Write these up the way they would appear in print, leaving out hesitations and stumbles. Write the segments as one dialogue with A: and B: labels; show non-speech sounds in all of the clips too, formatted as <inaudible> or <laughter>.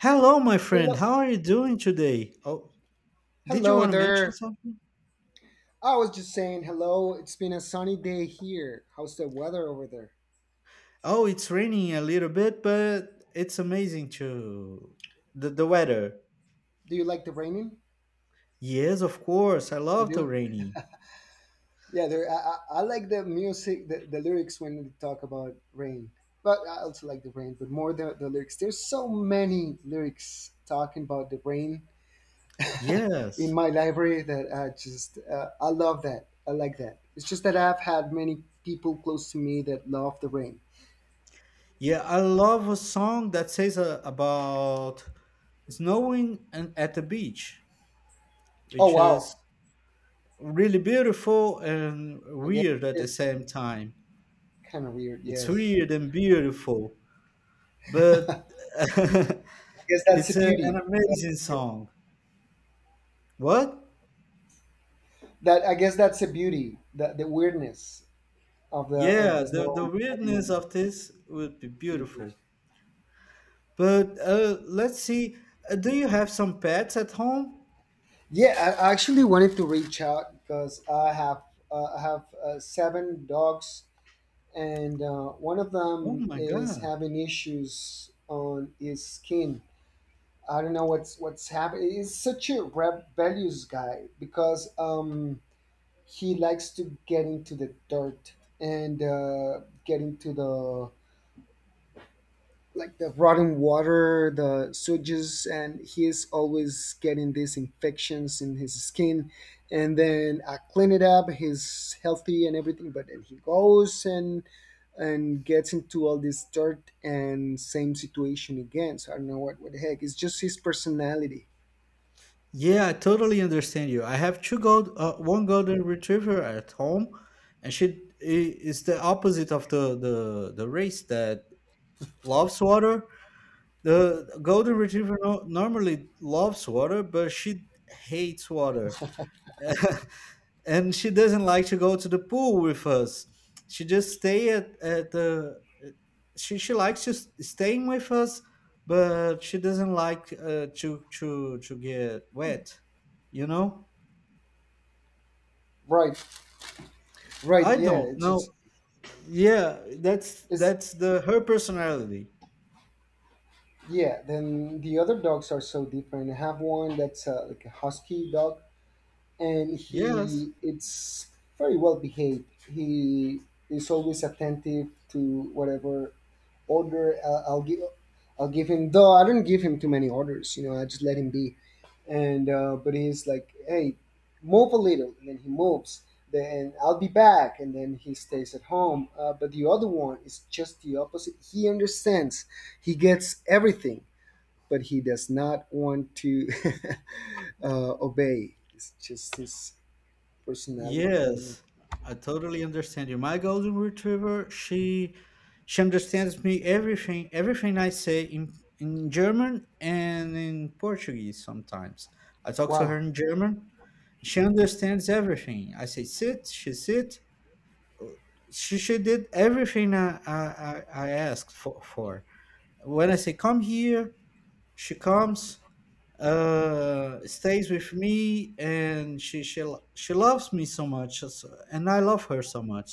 A: Hello, my friend.
B: Hello,
A: How are you doing today? Oh, did you
B: hello
A: want to mention
B: there.
A: something?
B: I was just saying hello. It's been a sunny day here. How's the weather over there?
A: Oh, it's raining a little bit, but it's amazing too. The weather.
B: Do you like the raining?
A: Yes, of course. I
B: You
A: love the
B: do?
A: rainy.
B: Yeah, there. I like the music, the lyrics when they talk about rain. But I also like the rain, but more the lyrics. There's so many lyrics talking about the rain in
A: Yes.
B: my library that I just, I love that. I like that. It's just that I've had many people close to me that love the rain.
A: Yeah, I love a song that says about snowing and at the beach,
B: Oh,
A: which
B: wow.
A: is really beautiful and
B: I guess
A: weird at the
B: it's
A: same time.
B: kind of weird.
A: It's
B: Yes.
A: weird and beautiful, but <laughs>
B: I guess that's the
A: It's an
B: beauty.
A: amazing song. What?
B: That I guess that's the beauty, the weirdness of
A: Yeah,
B: the
A: the
B: snow falling
A: weirdness
B: in
A: of this would be
B: to the beach.
A: beautiful. But let's see. Do you have some pets at home?
B: Yeah, I actually wanted to reach out because I have seven dogs, and one of
A: Oh
B: them
A: my
B: is
A: God.
B: having issues on his skin. I don't know what's happening. He's such a rebellious guy because he likes to get into the dirt and get into the like the rotten water, the sewage, and he's always getting these infections in his skin. And then I clean it up. He's healthy and everything, but then he goes and gets into all this dirt and same situation again. So I don't know what the heck. It's just his personality.
A: Yeah, I totally understand you. I have one golden retriever at home, and she is the opposite of the the race that loves water. The golden retriever, no, normally loves water, but she hates water. And she doesn't like to go to the pool with us. She just at the she likes just staying with us, but she doesn't like to get wet. You know,
B: Right, right,
A: I
B: yeah.
A: don't
B: It's it's,
A: know. Yeah,
B: it's
A: that's the her personality.
B: yeah. Then the other dogs are so different. I have one that's like a husky dog and
A: Yes.
B: he it's very well behaved. He is always attentive to whatever order I'll give. I'll give him though I don't give him too many orders. You know, I just let him be. And but he's like, hey, move a little, and then he moves. Then I'll be back, and then he stays at home. But the other one is just the opposite. He understands. He gets everything, but he does not want to <laughs> obey. It's just his personality. I don't know.
A: Yes, I totally understand you. My golden retriever, she understands me everything, everything I say in German and in Portuguese sometimes. I talk to her
B: Wow.
A: in German. She understands everything. I say sit, she sit. She did everything I asked for. When I say come here, she comes stays with me and she loves me so much, and I love her so much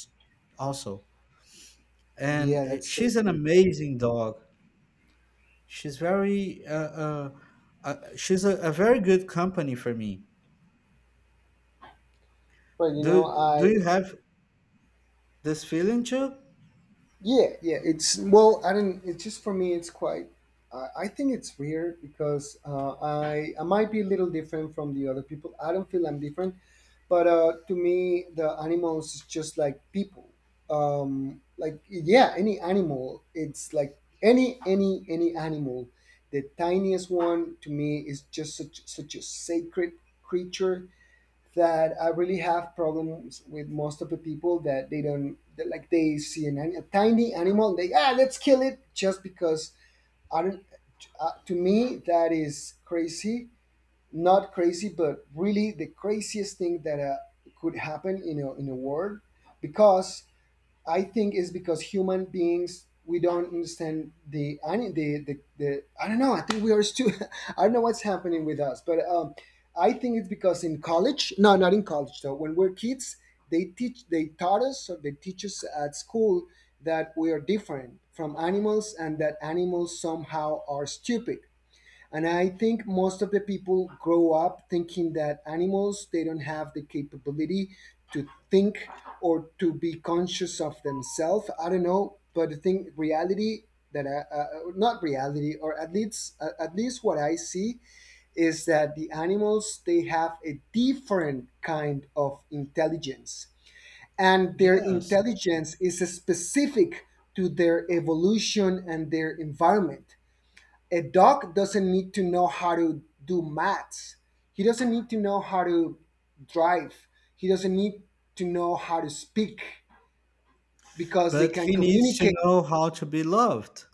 A: also.
B: Yeah,
A: And
B: that's so
A: she's an
B: beautiful.
A: amazing dog. she's very uh, uh, she's a very good company for me.
B: But you know,
A: Do
B: I
A: you have this feeling too?
B: yeah yeah. It's well, I didn't. It's just for me. It's quite. I think it's weird because I might be a little different from the other people. I don't feel I'm different, but to me, the animals is just like people. Like yeah, any animal. It's like any animal. The tiniest one to me is just such a sacred creature that I really have problems with most of the people that they don't that, like they see an, ani- a tiny animal they ah let's kill it just because I don't to me that is crazy not crazy but really the craziest thing that could happen in a world because I think it's because human beings we don't understand the I mean, the I don't know. I think we are still <laughs> I don't know what's happening with us, but I think it's because in college, no, not in college though. When we're kids, they teach they taught us or they teach us at school that we are different from animals and that animals somehow are stupid and I think most of the people grow up thinking that animals, they don't have the capability to think or to be conscious of themselves. I don't know, but the thing, reality that I, not reality, or at least what I see is that the animals they have a different kind of intelligence and their
A: Yes,
B: intelligence is specific to their evolution and their environment. A dog doesn't need to know how to do maths. He doesn't need to know how to drive. He doesn't need to know how to speak because they
A: but
B: can
A: he needs to
B: communicate.
A: know how to be loved.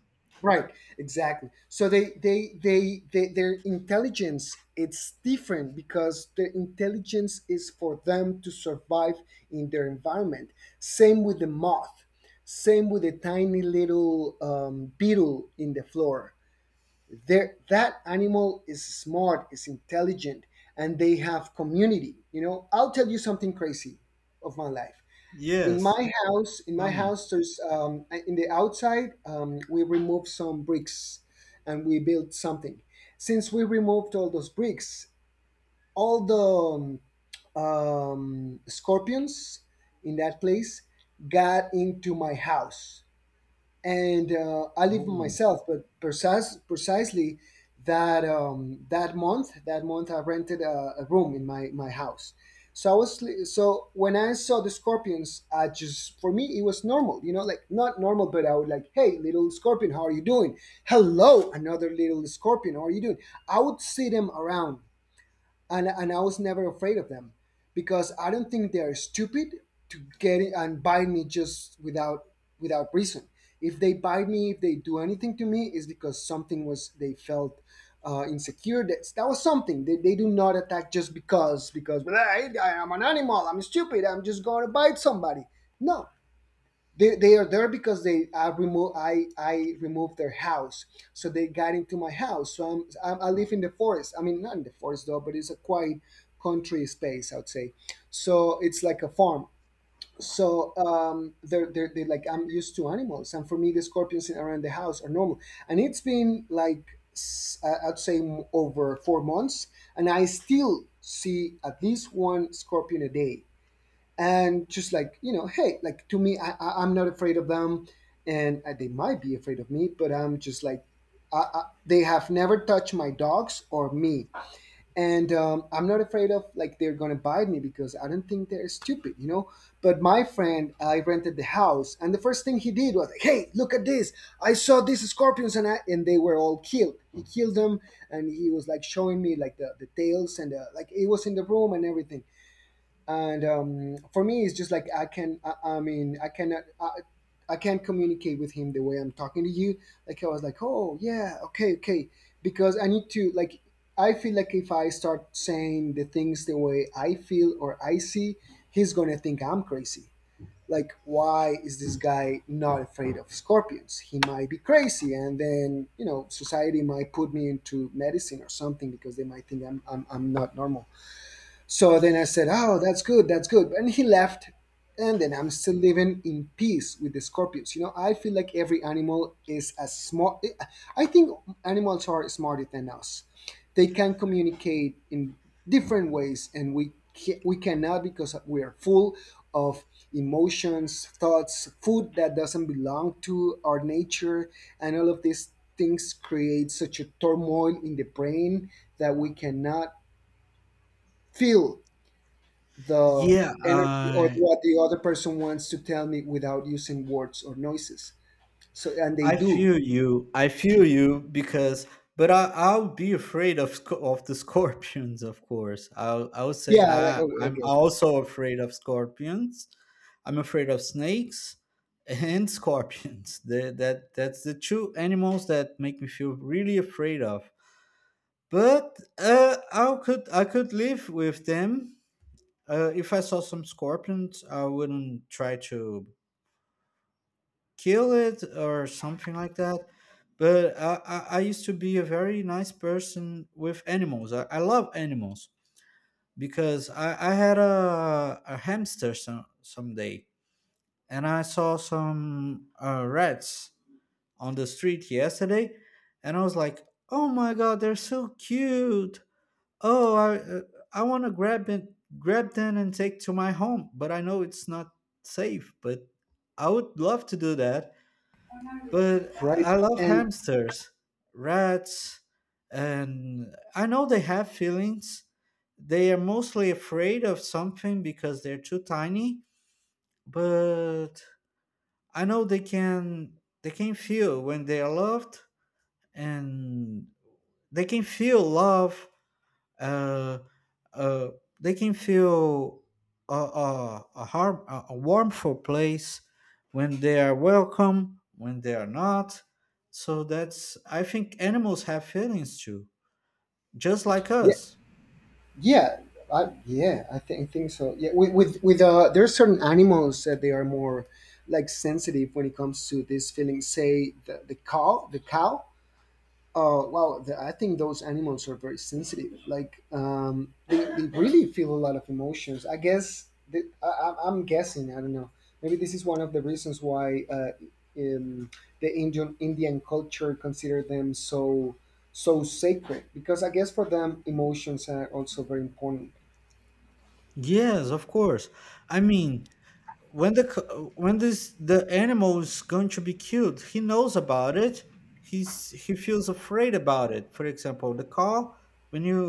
B: Right, exactly. So they their intelligence it's different because their intelligence is for them to survive in their environment. Same with the moth. Same with the tiny little beetle in the floor there. That animal is smart, is intelligent, and they have community. You know, I'll tell you something crazy of my life. In
A: Yes,
B: my house,
A: tell me.
B: there's in the outside we removed some bricks and we built something. Since we removed all those bricks, all the scorpions in that place got into my house. And I live
A: Oh,
B: myself. But precisely that that month I rented a room in my my house. So I was li- so when I saw the scorpions, I just for me it was normal, you know, like not normal, but I would like, hey, little scorpion, how are you doing? Hello, another little scorpion, how are you doing? I would see them around, and I was never afraid of them because I don't think they are stupid to get it and buy me just without reason. If they buy me, if they do anything to me, is because something was they felt insecure. That was something. They do not attack just because, "Well, I'm an animal. I'm stupid. I'm just going to bite somebody. No, they are there because they I remove I removed their house, so they got into my house. So I'm I live in the forest. I mean, not in the forest though, but it's a quiet country space, I'd say. So it's like a farm. So they're they like I'm used to animals, and for me the scorpions around the house are normal. And it's been like s- I'd say m- over 4 months, and I still see at least one scorpion a day, and just like you know, hey, like to me, I I'm not afraid of them. And they might be afraid of me, but I'm just like they have never touched my dogs or me. And I'm not afraid of like they're gonna bite me because I don't think they're stupid, you know. But my friend I rented the house and the first thing he did was like, hey, look at this, I saw these scorpions. And they were all killed. He killed them, and he was like showing me like the tails and the, like it was in the room and everything. And for me it's just like I mean I cannot I can't communicate with him the way I'm talking to you. Like I was like, oh yeah, okay, okay, because I need to like I feel like if I start saying the things the way I feel or I see, he's gonna think I'm crazy, like why is this guy not afraid of scorpions, he might be crazy, and then you know society might put me into medicine or something because they might think I'm not normal. So then I said, oh, that's good, that's good. And he left. And then I'm still living in peace with the scorpions. You know, I feel like every animal is as smart. I think animals are smarter than us. They can communicate in different ways, and we ca- we cannot because we are full of emotions, thoughts, food that doesn't belong to our nature, and all of these things create such a turmoil in the brain that we cannot feel the
A: yeah.
B: energy or
A: Uh,
B: what the other person wants to tell me without using words or noises. So, and they
A: I
B: do.
A: feel you. I feel you because, but I I'll be afraid of of the scorpions, of course. I would say
B: Yeah, I
A: I'm
B: guess so.
A: also afraid of scorpions. I'm afraid of snakes and <laughs> scorpions. That's the two animals that make me feel really afraid of. But I could live with them. If I saw some scorpions, I wouldn't try to kill it or something like that. I used to be a very nice person with animals. I love animals because I had a hamster some someday, and I saw some rats on the street yesterday, and I was like, oh my god, they're so cute. Oh, I want to grab it, grab them and take to my home, but I know it's not safe, but I would love to do that. But
B: Right.
A: I love
B: And
A: hamsters, rats, and I know they have feelings. They are mostly afraid of something because they're too tiny, but I know they can feel when they are loved, and they can feel love. uh, uh, they can feel a harm, a warmful place, when they are welcome, when they are not. So that's, I think animals have feelings too, just like
B: yeah,
A: us.
B: yeah, yeah, I think so. Yeah. There are certain animals that they are more like sensitive when it comes to this feeling, say the cow, oh wow! The, I think those animals are very sensitive. Like they really feel a lot of emotions. I guess the, I'm guessing. I don't know. Maybe this is one of the reasons why in the Indian culture consider them so so sacred, because I guess for them emotions are also very important.
A: Yes, of course. I mean, when when this the animal is going to be killed, he knows about it. He feels afraid about it. For example, the cow, when you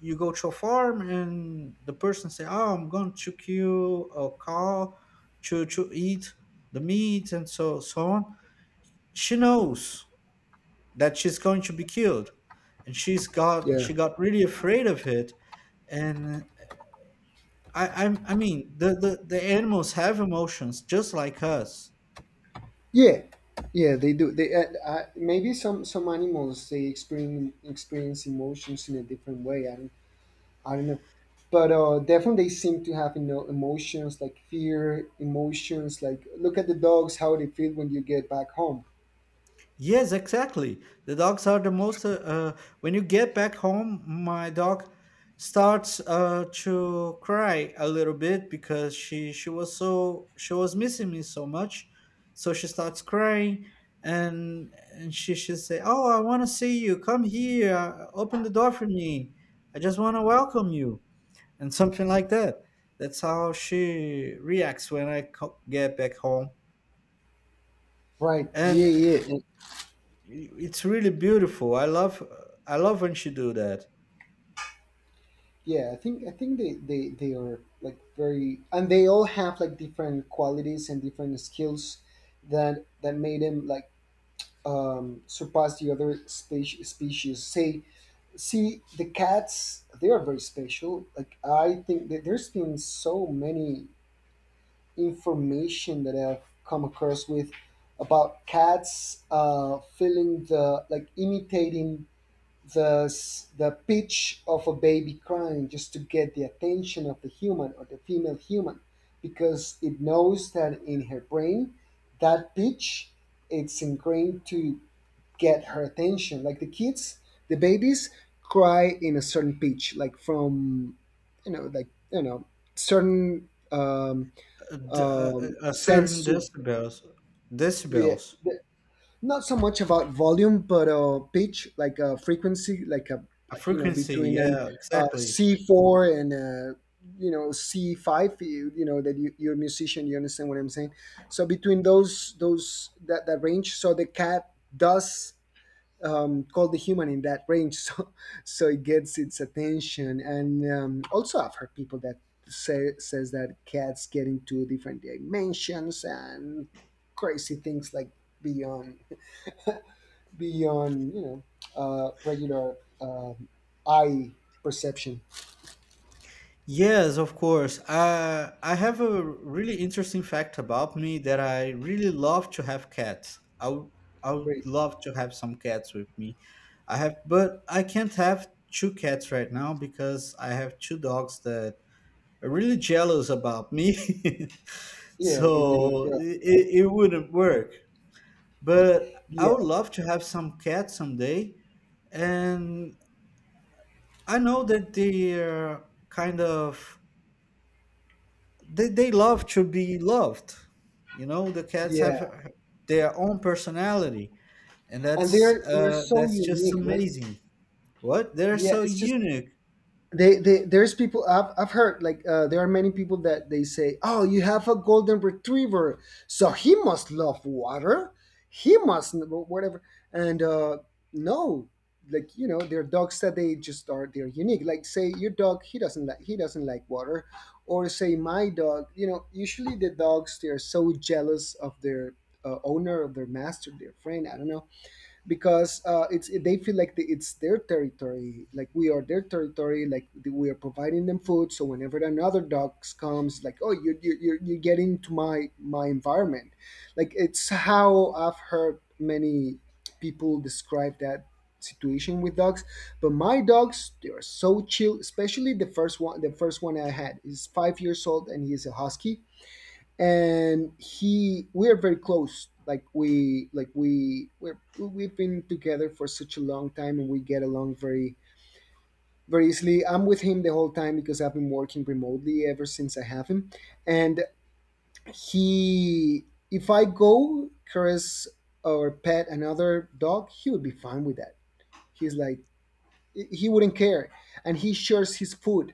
A: go to a farm and the person say, oh, I'm going to kill a cow to eat the meat and so so on, she knows that she's going to be killed, and
B: Yeah.
A: she got really afraid of it. And I mean, the animals have emotions just like us.
B: Yeah, yeah, they do. They maybe some animals they experience emotions in a different way. I don't know. But definitely, they seem to have you know emotions like fear, emotions like look at the dogs how they feel when you get back home.
A: Yes, exactly. The dogs are the most. When you get back home, my dog starts to cry a little bit because she was so she was missing me so much, so she starts crying, and she should say, "Oh, I want to see you. Come here. Open the door for me. I just want to welcome you," and something like that. That's how she reacts when I get back home.
B: Right. Yeah,
A: And
B: yeah. And-
A: it's really beautiful. I love when she do that.
B: Yeah, I think they are like very and they all have like different qualities and different skills that that made them like surpass the other speci- species. Say, see the cats, they are very special. Like I think that there's been so many information that I've come across with about cats, feeling the, like, imitating the pitch of a baby crying just to get the attention of the human or the female human, because it knows that in her brain, that pitch, it's ingrained to get her attention. Like the kids, the babies cry in a certain pitch, like from, like, certain
A: A certain
B: sense to.
A: decibels.
B: Yeah.
A: Decibels.
B: the- Not so much about volume, but pitch, like a frequency, like a,
A: A
B: like,
A: frequency,
B: between an
A: yeah, exactly.
B: C4 and C5. You know that you're a musician, you understand what I'm saying. So between those, that range. So the cat does, called the human in that range. <laughs> So it gets its attention. And also, I've heard people that says that cats get into different dimensions and crazy things, like beyond, beyond, regular, eye perception.
A: Yes, of course. I have a really interesting fact about me that I really love to have cats. i would I would
B: Great.
A: love to have some cats with me. I have, but I can't have two cats right now because I have two dogs that really jealous about me. <laughs>
B: Yeah, I guess they do.
A: So
B: Yeah.
A: it wouldn't work. But I
B: Yeah.
A: would love to have some cats someday. And I know that they are kind of, they love to be loved. You know, the cats have
B: Yeah.
A: their own personality. And
B: And they're so
A: that's just
B: unique, right?
A: amazing. What? They're
B: Yeah,
A: so
B: it's just,
A: unique.
B: they there's people, I've heard, like, there are many people that they say, oh, you have a golden retriever, so he must love water, he must whatever. And no. Like, there are dogs that they just are, they're unique. Like, say your dog, he doesn't like water. Or say my dog, usually the dogs, they are so jealous of their, owner, of their master, their friend, I don't know, because it's, they feel like, it's their territory, like we are their territory, like we are providing them food. So whenever another dog comes, like, oh, you're getting to my environment. Like, it's how I've heard many people describe that situation with dogs. But my dogs, they are so chill, especially the first one. The first one I had is 5 years old, and he is a husky, and he we are very close. Like we've been together for such a long time and we get along very, very easily. I'm with him the whole time because I've been working remotely ever since I have him. And he if I go caress or pet another dog, he would be fine with that. He's like, he wouldn't care. And he shares his food.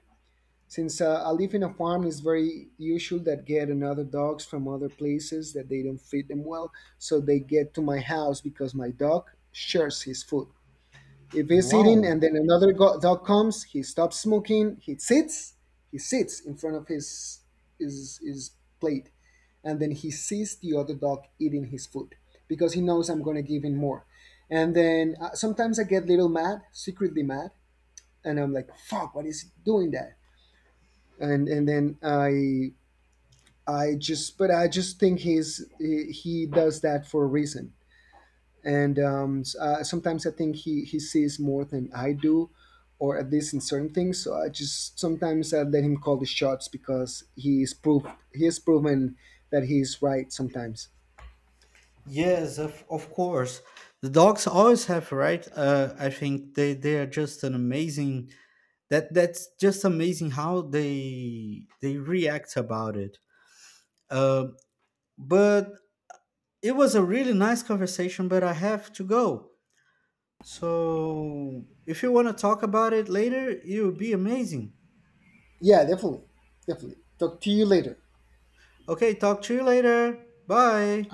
B: Since I live in a farm, it's very usual that get another dogs from other places that they don't feed them well, so they get to my house because my dog shares his food. If he's eating
A: Wow.
B: and then another dog comes, he stops smoking, he sits in front of his his his plate, and then he sees the other dog eating his food because he knows I'm gonna give him more. And then sometimes I get little mad, secretly mad, and I'm like, "Fuck, what is he doing that?" And then I just, but I just think he does that for a reason. And sometimes I think he sees more than I do, or at least in certain things. So I just, sometimes I let him call the shots because he has proven that he's right sometimes.
A: Yes, of course. The dogs always have right. I think they are just an amazing. That that's just amazing how they react about it. Uh, but it was a really nice conversation, but I have to go. So if you want to talk about it later, it would be amazing.
B: Yeah, definitely, definitely. Talk to you later.
A: Okay, talk to you later. Bye.